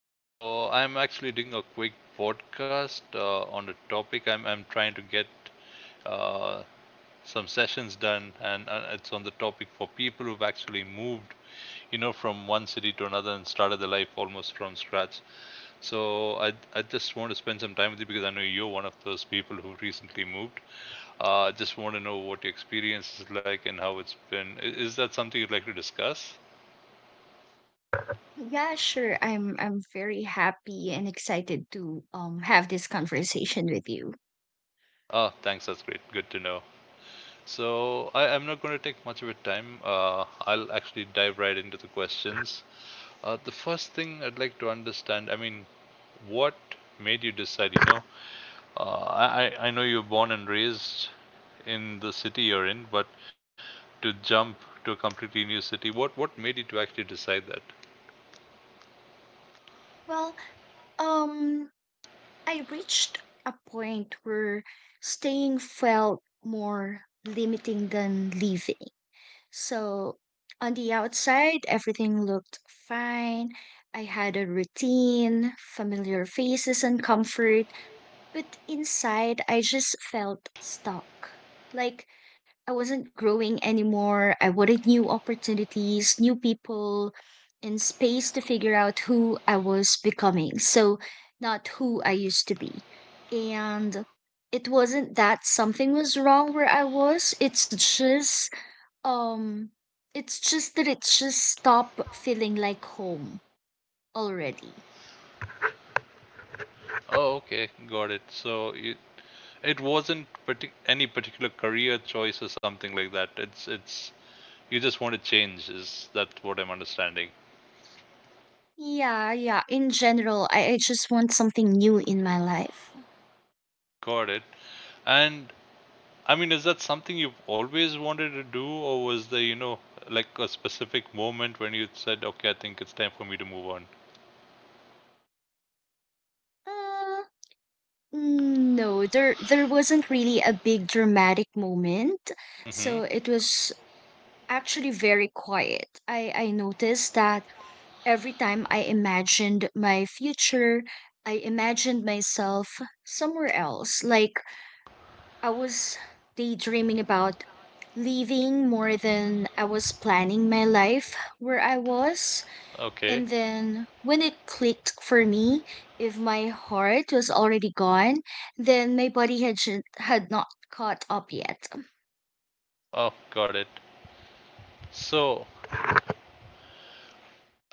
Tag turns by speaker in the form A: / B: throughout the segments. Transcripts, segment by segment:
A: So I'm actually doing a quick podcast on the topic. I'm trying to get uh, some sessions done, and it's on the topic for people who've actually moved, you know, from one city to another and started their life almost from scratch. So I just want to spend some time with you because I know you're one of those people who recently moved. I just want to know what your experience is like and how it's been. Is that something you'd like to discuss?
B: Yeah, sure. I'm very happy and excited to have this conversation with you.
A: Oh, thanks. That's great. Good to know. So I'm not going to take much of your time. I'll actually dive right into the questions. The first thing I'd like to understand, I mean, what made you decide? You know, uh, I know you were born and raised in the city you're in, but to jump to a completely new city, what made you to actually decide that?
B: Well, um I reached a point where staying felt more limiting than leaving. So on the outside, everything looked fine. I had a routine, familiar faces, and comfort. But inside, I just felt stuck. Like I wasn't growing anymore. I wanted new opportunities, new people, and space to figure out who I was becoming. So, not who I used to be. And it wasn't that something was wrong where I was, um, it's just that it just stopped feeling like home already.
A: Oh, okay, got it. So you, it wasn't any particular career choice or something like that. It's you just want to change, is that what I'm understanding?
B: Yeah, yeah. In general, I just want something new in my life.
A: Got it. And I mean, is that something you've always wanted to do, or was there, you know, like a specific moment when you said, okay, I think it's time for me to move on?
B: Uh, no, there wasn't really a big dramatic moment.
A: Mm-hmm.
B: So it was actually very quiet. I noticed that every time I imagined my future, I imagined myself somewhere else, like I was daydreaming about leaving more than I was planning my life where I was.
A: Okay.
B: And then when it clicked for me, if my heart was already gone, then my body had not caught up yet.
A: Oh, got it. So,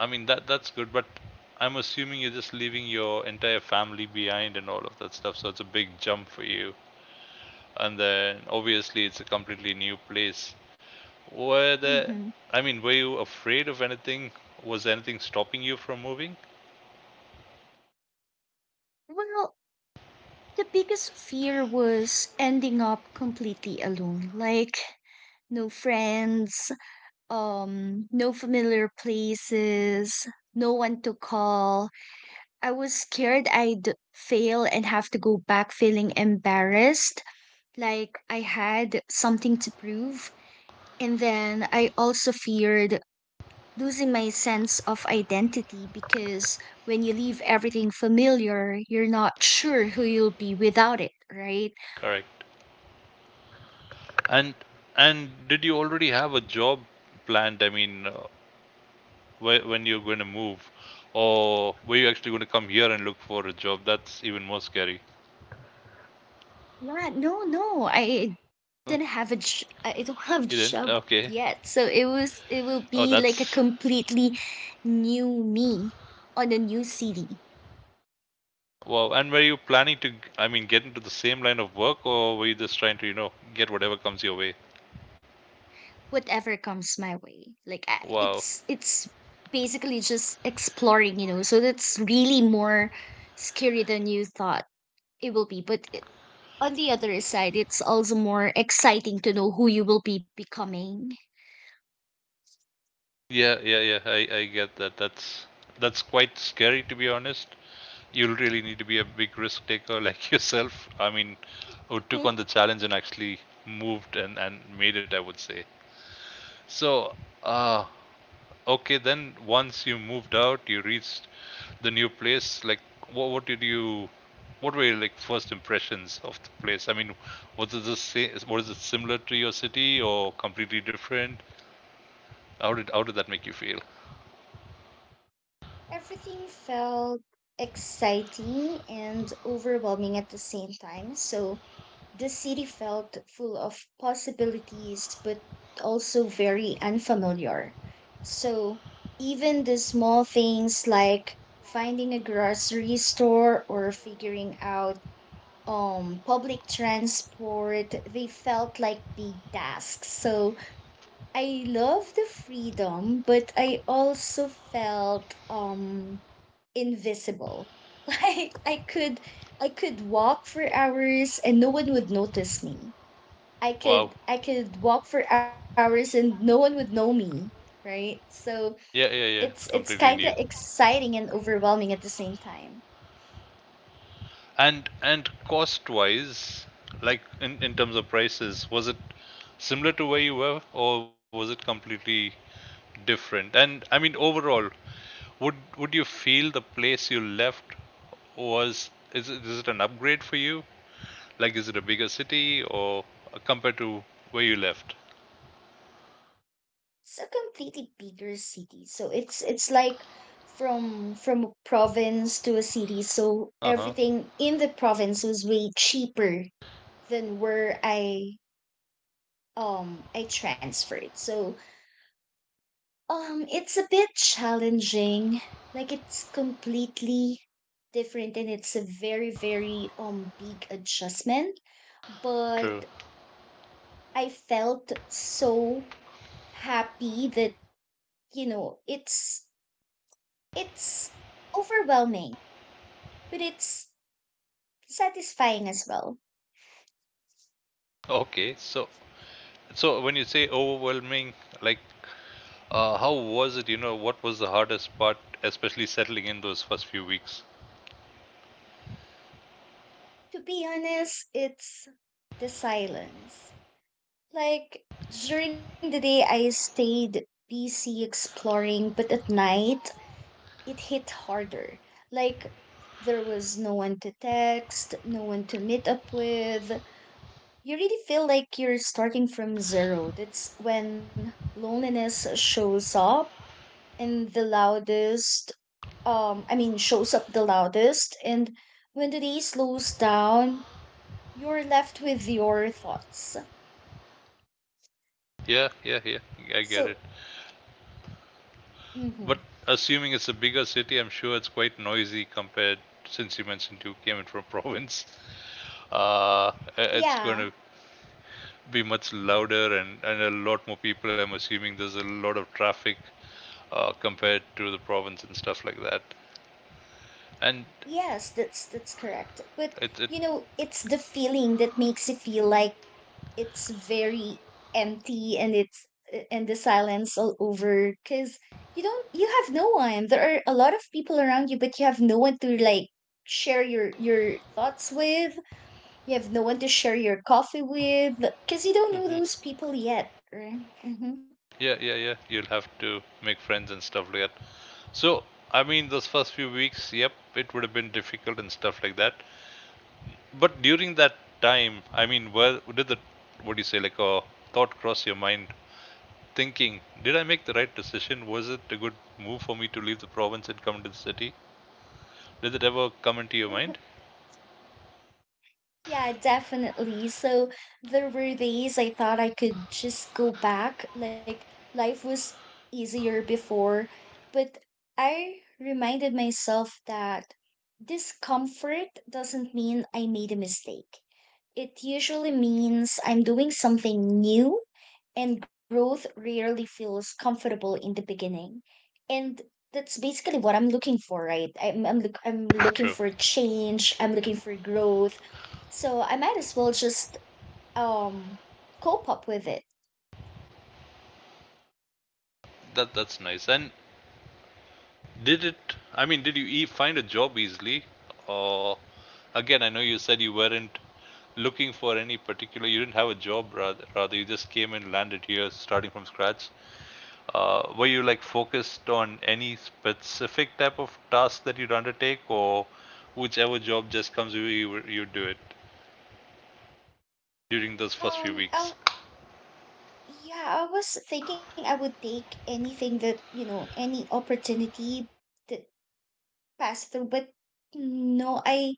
A: I mean, that's good, but I'm assuming you're just leaving your entire family behind and all of that stuff, so it's a big jump for you. And then obviously it's a completely new place. Were there,
B: Hmm.
A: I mean, were you afraid of anything? Was anything stopping you from moving?
B: Well, the biggest fear was ending up completely alone, like no friends, no familiar places, no one to call. I was scared I'd fail and have to go back feeling embarrassed, like I had something to prove. And then I also feared losing my sense of identity because when you leave everything familiar, you're not sure who you'll be without it, right?
A: Correct. And did you already have a job planned? I mean, when you're going to move, or were you actually going to come here and look for a job? That's even more scary.
B: Yeah, no, no, I
A: You
B: didn't have a j- I don't have a
A: didn't?
B: job
A: Okay.
B: yet. So it will
A: Oh,
B: be like a
A: that's
B: completely new me on a new city.
A: wow. And were you planning to, I mean, get into the same line of work, or were you just trying to, you know, get whatever comes your way?
B: Whatever comes my way.
A: Wow.
B: It's basically just exploring, you know. So that's really more scary than you thought it will be. But it, on the other side, it's also more exciting to know who you will be becoming.
A: Yeah, yeah, yeah. I get that. That's quite scary to be honest. You'll really need to be a big risk taker like yourself. I mean, who took
B: Mhm.
A: on the challenge and actually moved and made it, I would say. So, uh, okay, then once you moved out, you reached the new place. Like, what, what did you, what were your like first impressions of the place? I mean, was it the same? Was it similar to your city or completely different? How did that make you feel?
B: Everything felt exciting and overwhelming at the same time. So the city felt full of possibilities, but also very unfamiliar. So, even the small things like finding a grocery store or figuring out public transport, they felt like big tasks. So, I love the freedom, but I also felt invisible. Like I could walk for hours and no one would notice me.
A: Wow.
B: I could walk for hours and no one would know me, right? So
A: Yeah, yeah,
B: it's
A: yeah. It's
B: kind of
A: completely new.
B: exciting and overwhelming at the same time.
A: And cost-wise, like in terms of prices, was it similar to where you were, or was it completely different? And I mean, overall, would you feel the place you left was is it an upgrade for you? Like, is it a bigger city, or compared to where you left?
B: It's a completely bigger city, so it's like from a province to a city. So
A: Uh huh.
B: everything in the province was way cheaper than where I transferred. So it's a bit challenging. Like it's completely different and it's a very, very big adjustment.
A: True.
B: But I felt so happy that, you know, it's overwhelming, but it's satisfying as well.
A: Okay. So so when you say overwhelming, like, how was it? You know, what was the hardest part, especially settling in those first few weeks?
B: To be honest, it's the silence. Like during the day I stayed busy exploring, but at night it hit harder. Like there was no one to text, no one to meet up with. You really feel like you're starting from zero. That's when loneliness shows up in the loudest, shows up the loudest. And when the day slows down, you're left with your thoughts.
A: Yeah, yeah, yeah. I
B: So,
A: get it.
B: mm-hmm.
A: But assuming it's a bigger city, I'm sure it's quite noisy compared. Since you mentioned you came in from province, uh, it's going
B: Yeah,
A: to be much louder and a lot more people. I'm assuming there's a lot of traffic compared to the province and stuff like that. And
B: yes, that's correct. But
A: it
B: you know, it's the feeling that makes you feel like it's very empty and it's and the silence all over because you have no one. There are a lot of people around you but you have no one to like share your thoughts with. You have no one to share your coffee with because you don't know
A: mhm.
B: those people yet, right? Mm-hmm.
A: Yeah, yeah, yeah. You'll have to make friends and stuff like that. So I mean, those first few weeks, yep, it would have been difficult and stuff like that. But during that time, I mean, were did the what do you say like a thought cross your mind, thinking, did I make the right decision? Was it a good move for me to leave the province and come to the city? Did it ever come into your mind?
B: Yeah, definitely. So there were days I thought I could just go back. Like life was easier before. But I reminded myself that discomfort doesn't mean I made a mistake. It usually means I'm doing something new and growth rarely feels comfortable in the beginning, and that's basically what I'm looking for, right? I'm looking
A: True.
B: for change. I'm looking for growth, so I might as well just um cope up with it.
A: That that's nice. And did it? I mean, find a job easily? Or again, I know you said you weren't looking for any particular. You didn't have a job, rather. Rather, you just came and landed here, starting from scratch. Were you like focused on any specific type of task that you'd undertake, or whichever job just comes you do it during those first few
B: I
A: weeks?
B: Yeah, I was thinking I would take anything that, you know, any opportunity that passed through, but no, I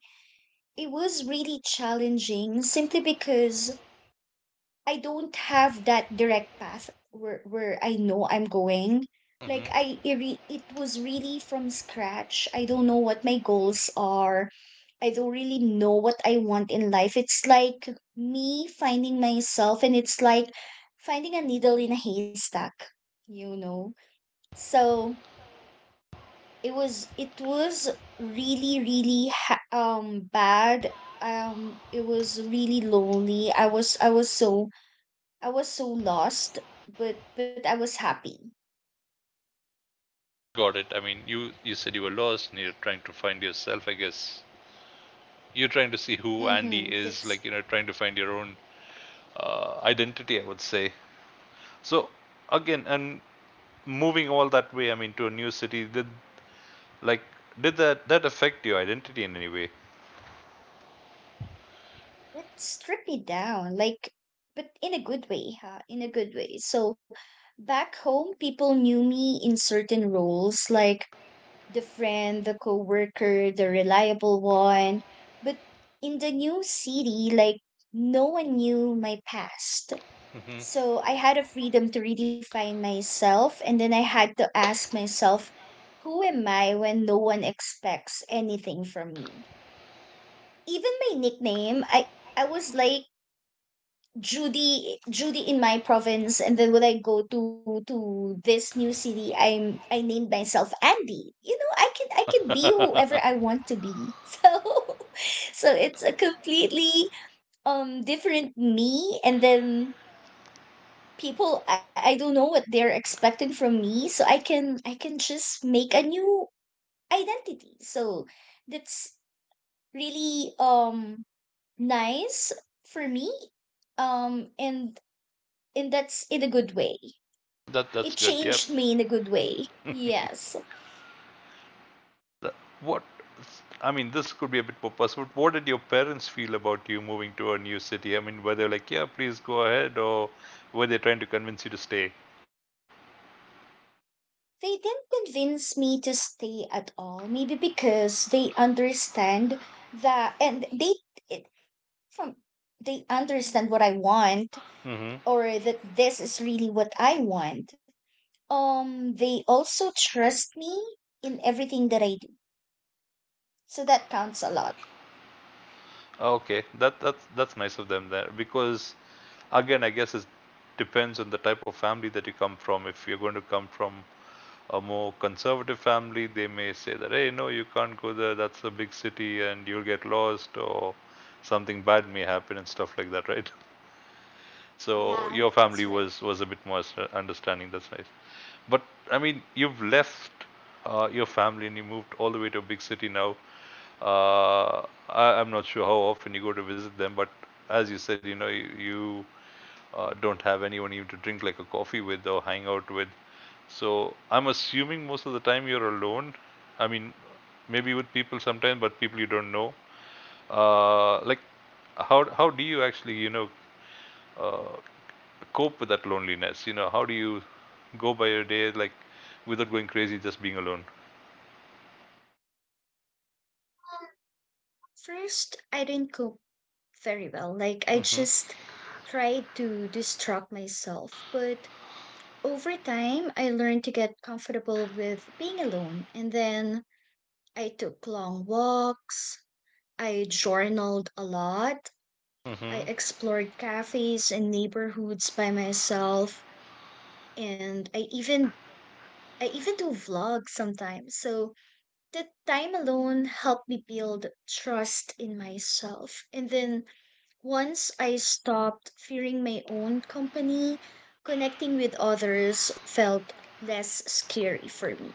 B: it was really challenging simply because I don't have that direct path where I know I'm going.
A: Hmm.
B: It was really from scratch. I don't know what my goals are. I don't really know what I want in life. It's like me finding myself and it's like finding a needle in a haystack, you know. So it was it was really really bad. It was really lonely. I was so lost, but I was happy.
A: Got it. I mean, you said you were lost and you're trying to find yourself. I guess you're trying to see who Andy
B: Mm-hmm.
A: is, like
B: That's
A: you know, trying to find your own identity, I would say. So again, and moving all that way, I mean, to a new city, did like did that affect your identity in any way?
B: that stripped me down, like, but in a good way, huh? In a good way. So back home, people knew me in certain roles, like the friend, the coworker, the reliable one. But in the new city, like, no one knew my past. So I had a freedom to redefine myself, and then I had to ask myself, who am I when no one expects anything from me? Even my nickname, I was like Judy in my province, and then when I go to this new city, I named myself Andy. You know, I can be whoever
A: Hmm.
B: I want to be. So so it's a completely different me, and then people I don't know what they're expecting from me, so I can just make a new identity, so that's really nice for me, um and and that's in a good way.
A: That that's
B: It
A: good. Yeah.
B: changed me in a good way, yes.
A: What? I mean, this could be a bit more personal. What did your parents feel about you moving to a new city? I mean, were they like, "Yeah, please go ahead," or were they trying to convince you to stay?
B: They didn't convince me to stay at all, maybe because they understand that and they it, from they understand what I want,
A: Hmm.
B: or that this is really what I want. They also trust me in everything that I do. So that counts a lot.
A: Okay, that's that's nice of them there because, again, I guess it depends on the type of family that you come from. If you're going to come from a more conservative family, they may say that, "Hey, no, you can't go there. That's a big city, and you'll get lost, or something bad may happen and stuff like that." Right? So
B: Yeah,
A: your family
B: that's right.
A: was a bit more understanding. That's nice. But I mean, you've
B: Hmm.
A: left your family and you moved all the way to a big city now. Uh, I'm not sure how often you go to visit them, but as you said, you know, you don't have anyone even to drink like a coffee with or hang out with. So I'm assuming most of the time you're alone. I mean, maybe with people sometimes, but people you don't know. Like, how do you actually you know uh, cope with that loneliness? You know, how do you go by your day like without going crazy, just being alone?
B: First, I didn't cope very well. Like, I
A: Hmm.
B: just tried to distract myself. But over time, I learned to get comfortable with being alone. And then I took long walks. I journaled a lot. I
A: Hmm.
B: explored cafes and neighborhoods by myself. And I even do vlogs sometimes. So that time alone helped me build trust in myself. And then once I stopped fearing my own company, connecting with others felt less scary for me.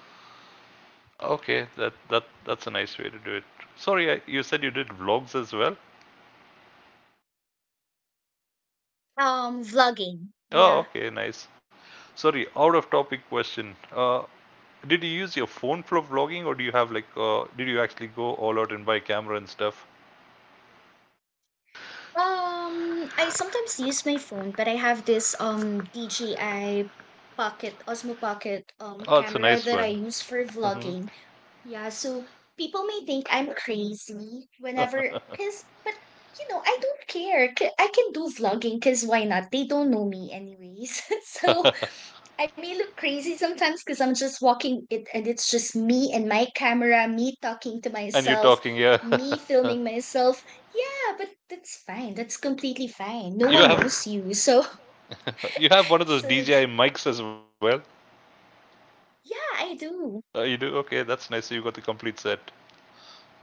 A: Okay, that's a nice way to do it. Sorry, I, you said you did vlogs as well.
B: Vlogging,
A: Oh,
B: yeah.
A: okay, nice. Sorry, out of topic question. Did you use your phone for vlogging, or do you have like, did you actually go all out and buy camera and stuff?
B: I sometimes use my phone, but I have this DJI Pocket Osmo Pocket
A: Oh, it's a
B: camera
A: nice
B: that I
A: one.
B: use for
A: Hmm.
B: vlogging. Yeah, so people may think I'm crazy whenever, cause, but you know, I don't care. C- I can do vlogging, cause why not? They don't know me anyways. So I may look crazy sometimes, cause I'm just walking it, and it's just me and my camera, me talking to
A: And you're
B: myself,
A: talking, yeah.
B: me filming myself. Yeah, but that's fine. That's completely fine. No
A: you
B: one
A: have
B: knows you, so
A: you have one of those
B: so
A: DJI mics as well.
B: yeah, I do.
A: You do okay. That's nice. You got the complete set.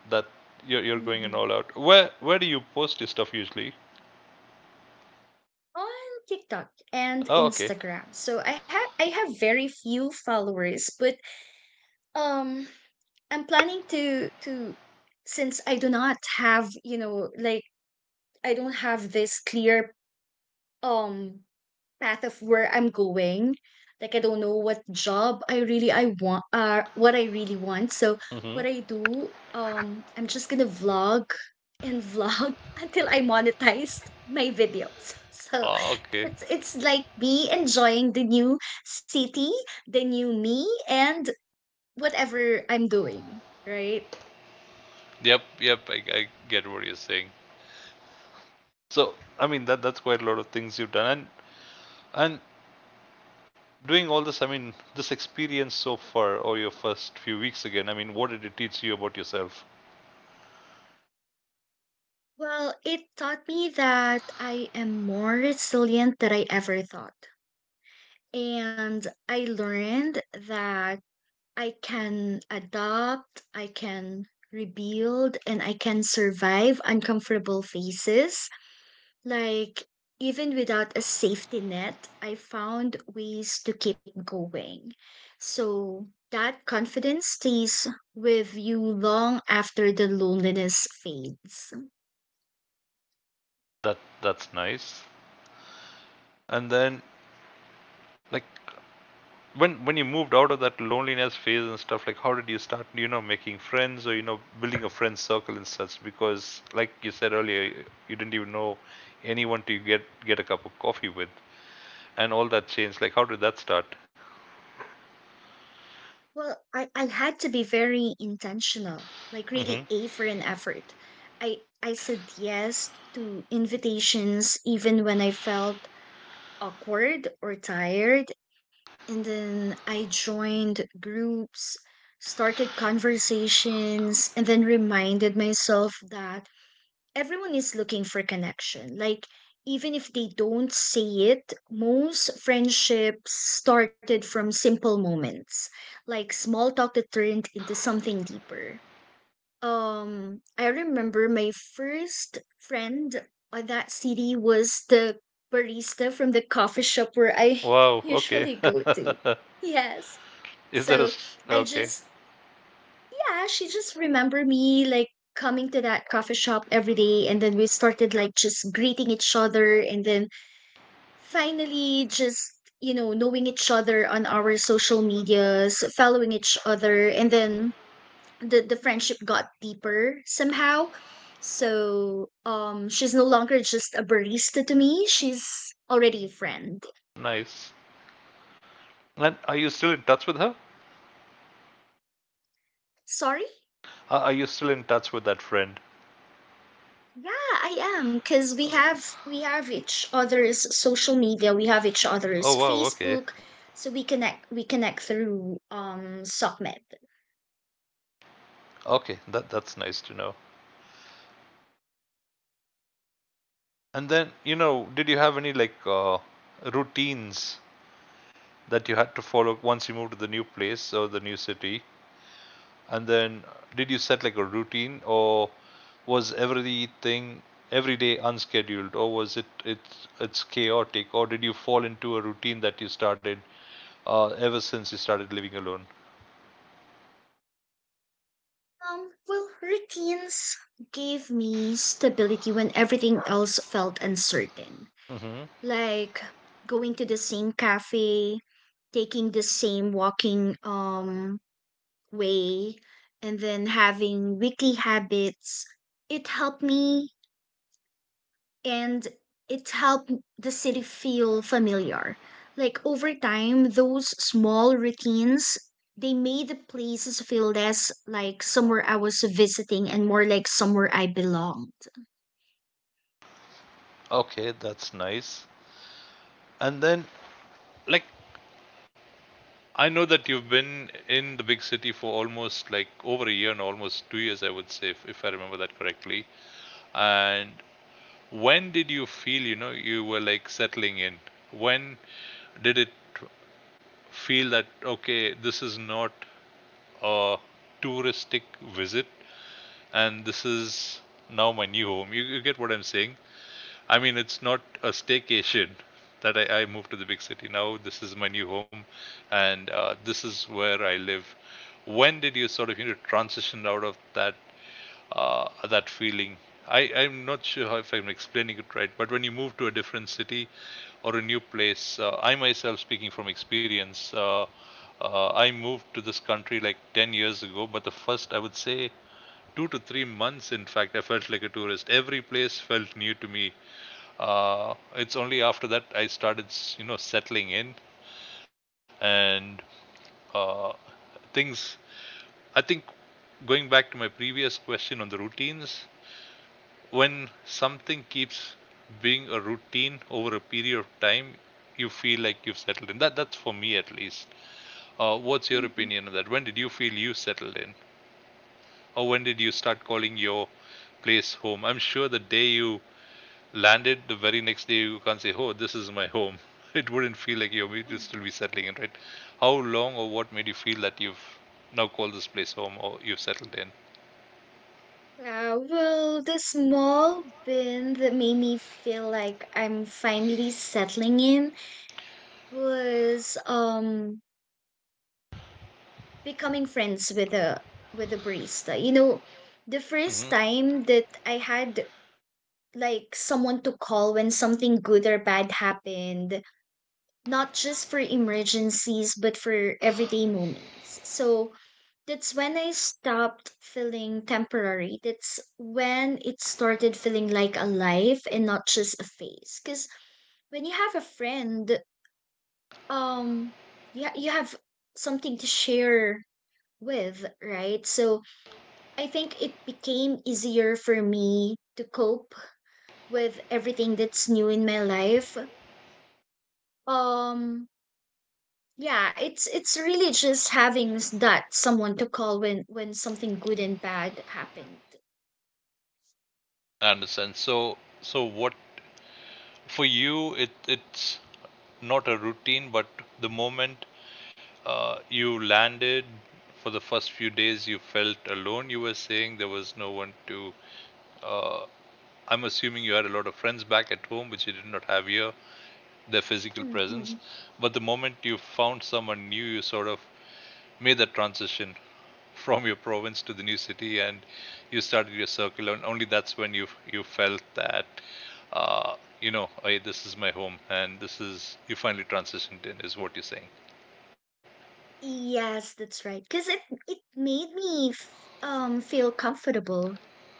A: That you're going in
B: Hmm.
A: all out. Where do you post your stuff usually?
B: On TikTok and
A: Oh okay.
B: Instagram. So I have very few followers, but um I'm planning to since I do not have, you know, like I don't have this clear um path of where I'm going. Like I don't know what job I want, what I really want. So
A: Mm-hmm.
B: what I do, I'm just gonna vlog and vlog until I monetize my videos. So
A: Oh okay.
B: it's like me enjoying the new city, the new me, and whatever I'm doing, right?
A: Yep yep. I get what you're saying. So I mean that's quite a lot of things you've done and doing all this. I mean this experience so far or your first few weeks again. I mean what did it teach you about yourself?
B: Well, it taught me that I am more resilient than I ever thought. And I learned that I can rebuild, and I can survive uncomfortable phases. Like, even without a safety net, I found ways to keep going. So that confidence stays with you long after the loneliness fades.
A: That that's nice. And then like when you moved out of that loneliness phase and stuff like how did you start you know making friends or you know building a friend circle and such because like you said earlier you didn't even know anyone to get a cup of coffee with and all that changed like how did that start.
B: Well, I had to be very intentional, like
A: Hmm.
B: really A for an effort. I said yes to invitations even when I felt awkward or tired, and then I joined groups, started conversations, and then reminded myself that everyone is looking for connection. Like, even if they don't say it, most friendships started from simple moments, like small talk that turned into something deeper. I remember my first friend on that city was the barista from the coffee shop where I
A: Wow, okay.
B: usually go to. Yes.
A: is there
B: So
A: a s-
B: I
A: Okay.
B: just yeah, she just remembered me like coming to that coffee shop every day, and then we started like just greeting each other, and then finally just you know knowing each other on our social medias, following each other, and then the friendship got deeper somehow. So, she's no longer just a barista to me, she's already a friend.
A: Nice. And are you still in touch with her?
B: Sorry?
A: Are you still in touch with that friend?
B: Yeah, I am because we have each other's social media, we have each
A: Oh
B: other's
A: wow, okay.
B: Facebook, so we connect through SubMed.
A: Okay, that's nice to know. And then you know did you have any like routines that you had to follow once you moved to the new place or the new city? And then did you set like a routine or was everything every day unscheduled or was it it's chaotic or did you fall into a routine that you started ever since you started living alone?
B: Well, routines gave me stability when everything else felt uncertain,
A: Mm-hmm.
B: like going to the same cafe, taking the same walking way, and then having weekly habits. It helped me and it helped the city feel familiar. Like over time, those small routines they made the places feel less like somewhere I was visiting and more like somewhere I belonged.
A: Okay, that's nice. And then, like, I know that you've been in the big city for almost like over a year and almost 2 years, I would say, if I remember that correctly. And when did you feel, you know, you were like settling in? When did it feel that, okay, this is not a touristic visit and this is now my new home? You get what I'm saying? I mean, it's not a staycation that I moved to the big city. Now this is my new home and this is where I live. When did you sort of, you know, transition out of that that feeling. I'm not sure how, if I'm explaining it right, but when you move to a different city or a new place, I myself, speaking from experience, I moved to this country like 10 years ago, but the first, I would say, 2 to 3 months, in fact, I felt like a tourist. Every place felt new to me. It's only after that I started, you know, settling in and uh, things. I think going back to my previous question on the routines, when something keeps being a routine over a period of time, you feel like you've settled in. That's for me at least. What's your
B: Mhm.
A: opinion on that? When did you feel you settled in, or when did you start calling your place home? I'm sure the day you landed, the very next day you can't say, "Oh, this is my home." It wouldn't feel like you're
B: Mm.
A: you'd still be settling in, right? How long or what made you feel that you've now called this place home or you've settled in?
B: Well, the small win that made me feel like I'm finally settling in was becoming friends with a barista. You know, the first
A: Hmm.
B: time that I had like someone to call when something good or bad happened, not just for emergencies, but for everyday moments. So that's when I stopped feeling temporary. That's when it started feeling like a life and not just a phase. Because when you have a friend, um, you have something to share with, right? So I think it became easier for me to cope with everything that's new in my life. Um, Yeah, it's really just having that someone to call when something good and bad happened.
A: I understand. So what for you it's not a routine but the moment you landed for the first few days you felt alone, you were saying there was no one to uh, I'm assuming you had a lot of friends back at home which you did not have here, their physical presence,
B: Hmm.
A: but the moment you found someone new you sort of made that transition from your province to the new city, and you started your circle, and only that's when you felt that, uh, you know, hey, this is my home and this is, you finally transitioned in is what you're saying.
B: Yes, that's right. Because it made me f feel comfortable.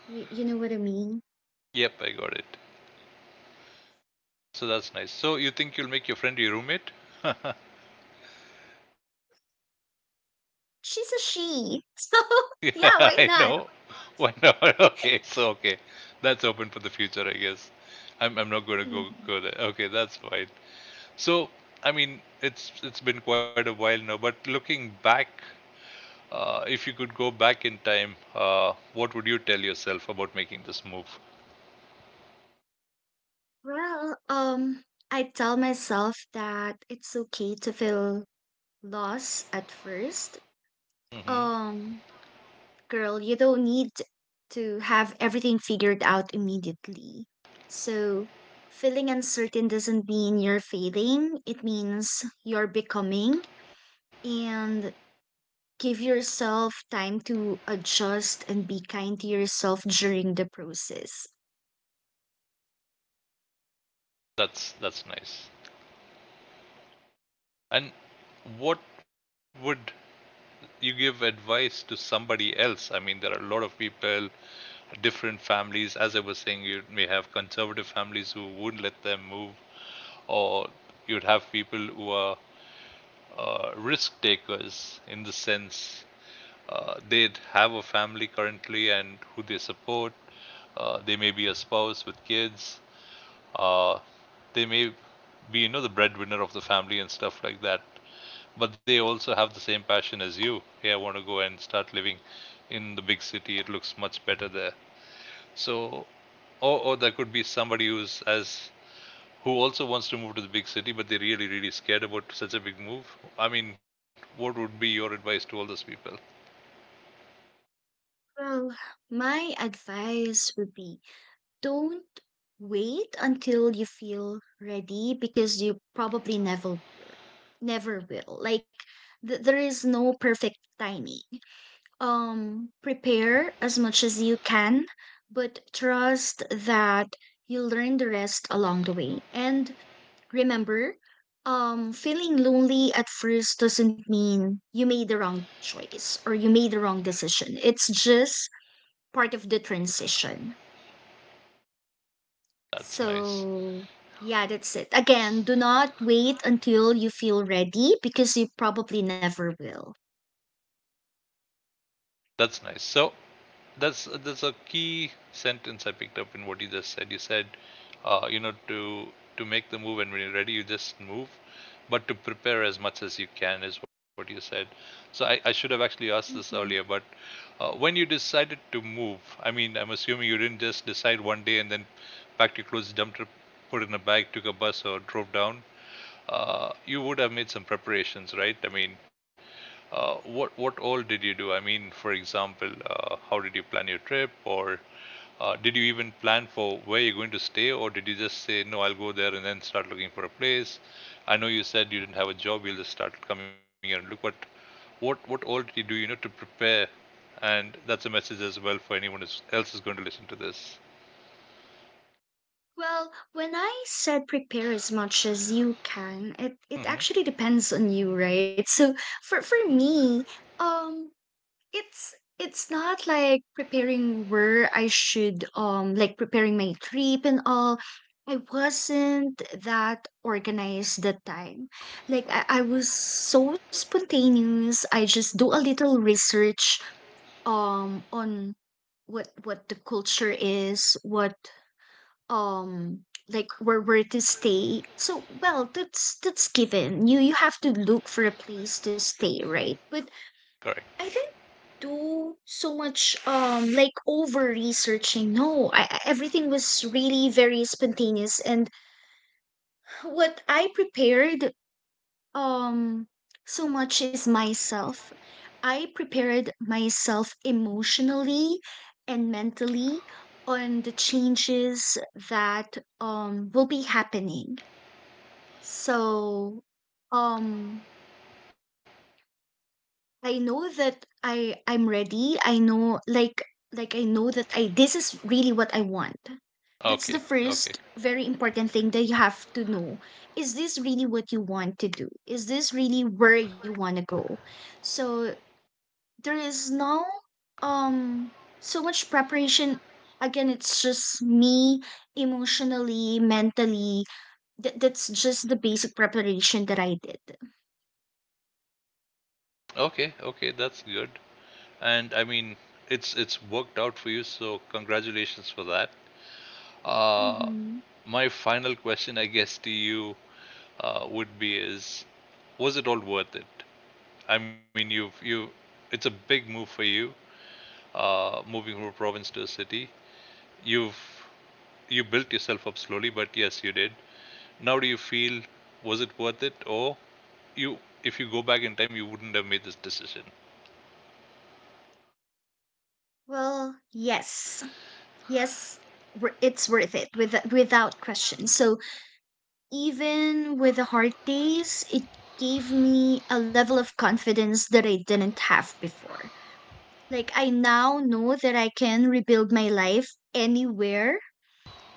B: Y You know what I mean?
A: Yep, I got it. So that's nice. So you think you'll make your friend your roommate?
B: She's a she, so yeah,
A: Yeah,
B: why
A: I
B: not?
A: know. Why not? Okay, so okay, that's open for the future, I guess. I'm not going to go
B: Mhm.
A: go there, okay, that's fine. So I mean it's been quite a while now, but looking back, if you could go back in time, what would you tell yourself about making this move?
B: Well, um, I tell myself that it's okay to feel lost at first.
A: Hmm.
B: Um, Girl, you don't need to have everything figured out immediately. So, feeling uncertain doesn't mean you're failing, it means you're becoming. And give yourself time to adjust and be kind to yourself during the process.
A: That's nice. And what would you, give advice to somebody else? I mean, there are a lot of people, different families. As I was saying, you may have conservative families who wouldn't let them move, or you'd have people who are, risk takers, in the sense, they have a family currently and who they support. They may be a spouse with kids. Uh, they may be, you know, the breadwinner of the family and stuff like that. But they also have the same passion as you. Hey, I want to go and start living in the big city. It looks much better there. So, or there could be somebody who's as who also wants to move to the big city, but they're really, really scared about such a big move. I mean, what would be your advice to all those people?
B: Well, my advice would be: don't wait until you feel ready because you probably never will. Never will. Like there is no perfect timing. Prepare as much as you can, but trust that you'll learn the rest along the way. And remember, feeling lonely at first doesn't mean you made the wrong choice or you made the wrong decision. It's just part of the transition.
A: That's nice.
B: So, yeah, that's it. Again, do not wait until you feel ready because you probably never will.
A: That's nice. So that's a key sentence I picked up in what you just said. You said, you know, to make the move and when you're ready, you just move, but to prepare as much as you can is what you said. So I should have actually asked this
B: Hmm.
A: earlier, but when you decided to move, I mean, I'm assuming you didn't just decide one day and then packed your clothes, dumped it, put it in a bag, took a bus, or drove down. You would have made some preparations, right? I mean, what all did you do? I mean, for example, how did you plan your trip, or did you even plan for where you're going to stay, or did you just say no, I'll go there and then start looking for a place? I know you said you didn't have a job, you'll just start coming here and look, but what all did you do, you know, to prepare? And that's a message as well for anyone else who's going to listen to this.
B: Well, when I said prepare as much as you can, it
A: Hmm.
B: actually depends on you, right? So for me, um It's it's not like preparing where I should like preparing my trip and all. I wasn't that organized that time. Like I was so spontaneous. I just do a little research on what the culture is, what um like where to stay. So well that's given. You have to look for a place to stay, right? But
A: Correct.
B: I think do so much like over researching. No, everything was really very spontaneous and what I prepared um so much is myself. I prepared myself emotionally and mentally on the changes that will be happening. So um I know that I'm ready. I know like I know that I this is really what I want. That's the
A: Okay.
B: first
A: Okay.
B: very important thing that you have to know. Is this really what you want to do? Is this really where you want to go? So there is no um so much preparation, again it's just me emotionally, mentally. That's just the basic preparation that I did.
A: Okay. Okay. That's good. And I mean, it's worked out for you, so congratulations for that. Uh,
B: Hmm.
A: my final question, I guess, to you, would be: Is, was it all worth it? I mean, it's a big move for you, moving from a province to a city. You've you built yourself up slowly, but yes, you did. Now, do you feel, was it worth it, or you, if you go back in time, you wouldn't have made this decision?
B: Well, yes, yes, it's worth it with, without question. So even with the hard days, it gave me a level of confidence that I didn't have before. Like I now know that I can rebuild my life anywhere.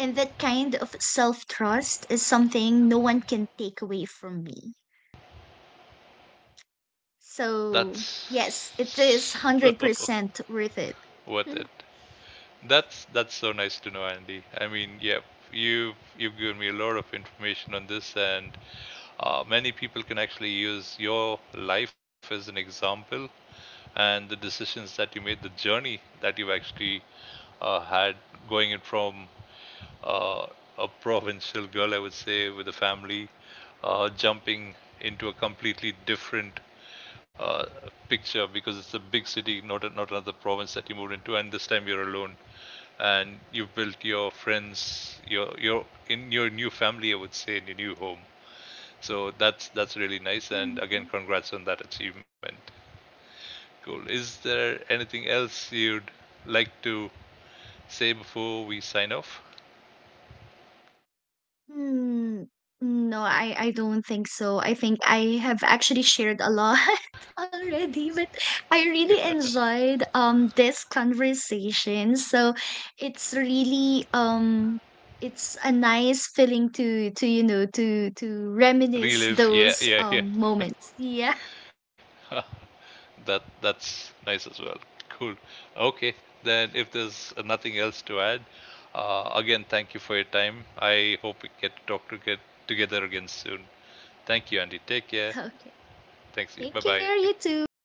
B: And that kind of self trust is something no one can take away from me. So, yes, it is
A: That's,
B: 100% worth it.
A: worth it. That's so nice to know, Andy. I mean, yeah, you've given me a lot of information on this, and many people can actually use your life as an example and the decisions that you made, the journey that you actually had, going in from, uh, a provincial girl, I would say, with a family, jumping into a completely different, uh, picture, because it's a big city, not a, not another province that you moved into, and this time you're alone and you've built your friends, your new family, I would say, in your new home. So that's really nice. And again,
B: Mm.
A: congrats on that achievement. Cool. Is there anything else you'd like to say before we sign off?
B: Hmm, mm, no, I don't think so. I think I have actually shared a lot already, but I really enjoyed this conversation. So it's really it's a nice feeling to to reminisce
A: Relive. Yeah,
B: those
A: yeah, yeah.
B: moments. Yeah.
A: That's nice as well. Cool. Okay. Then if there's nothing else to add, again, thank you for your time. I hope we get to talk to get together again soon. Thank you, Andy. Take care.
B: Okay.
A: Thanks to you. Bye
B: Take
A: bye.
B: care, you too.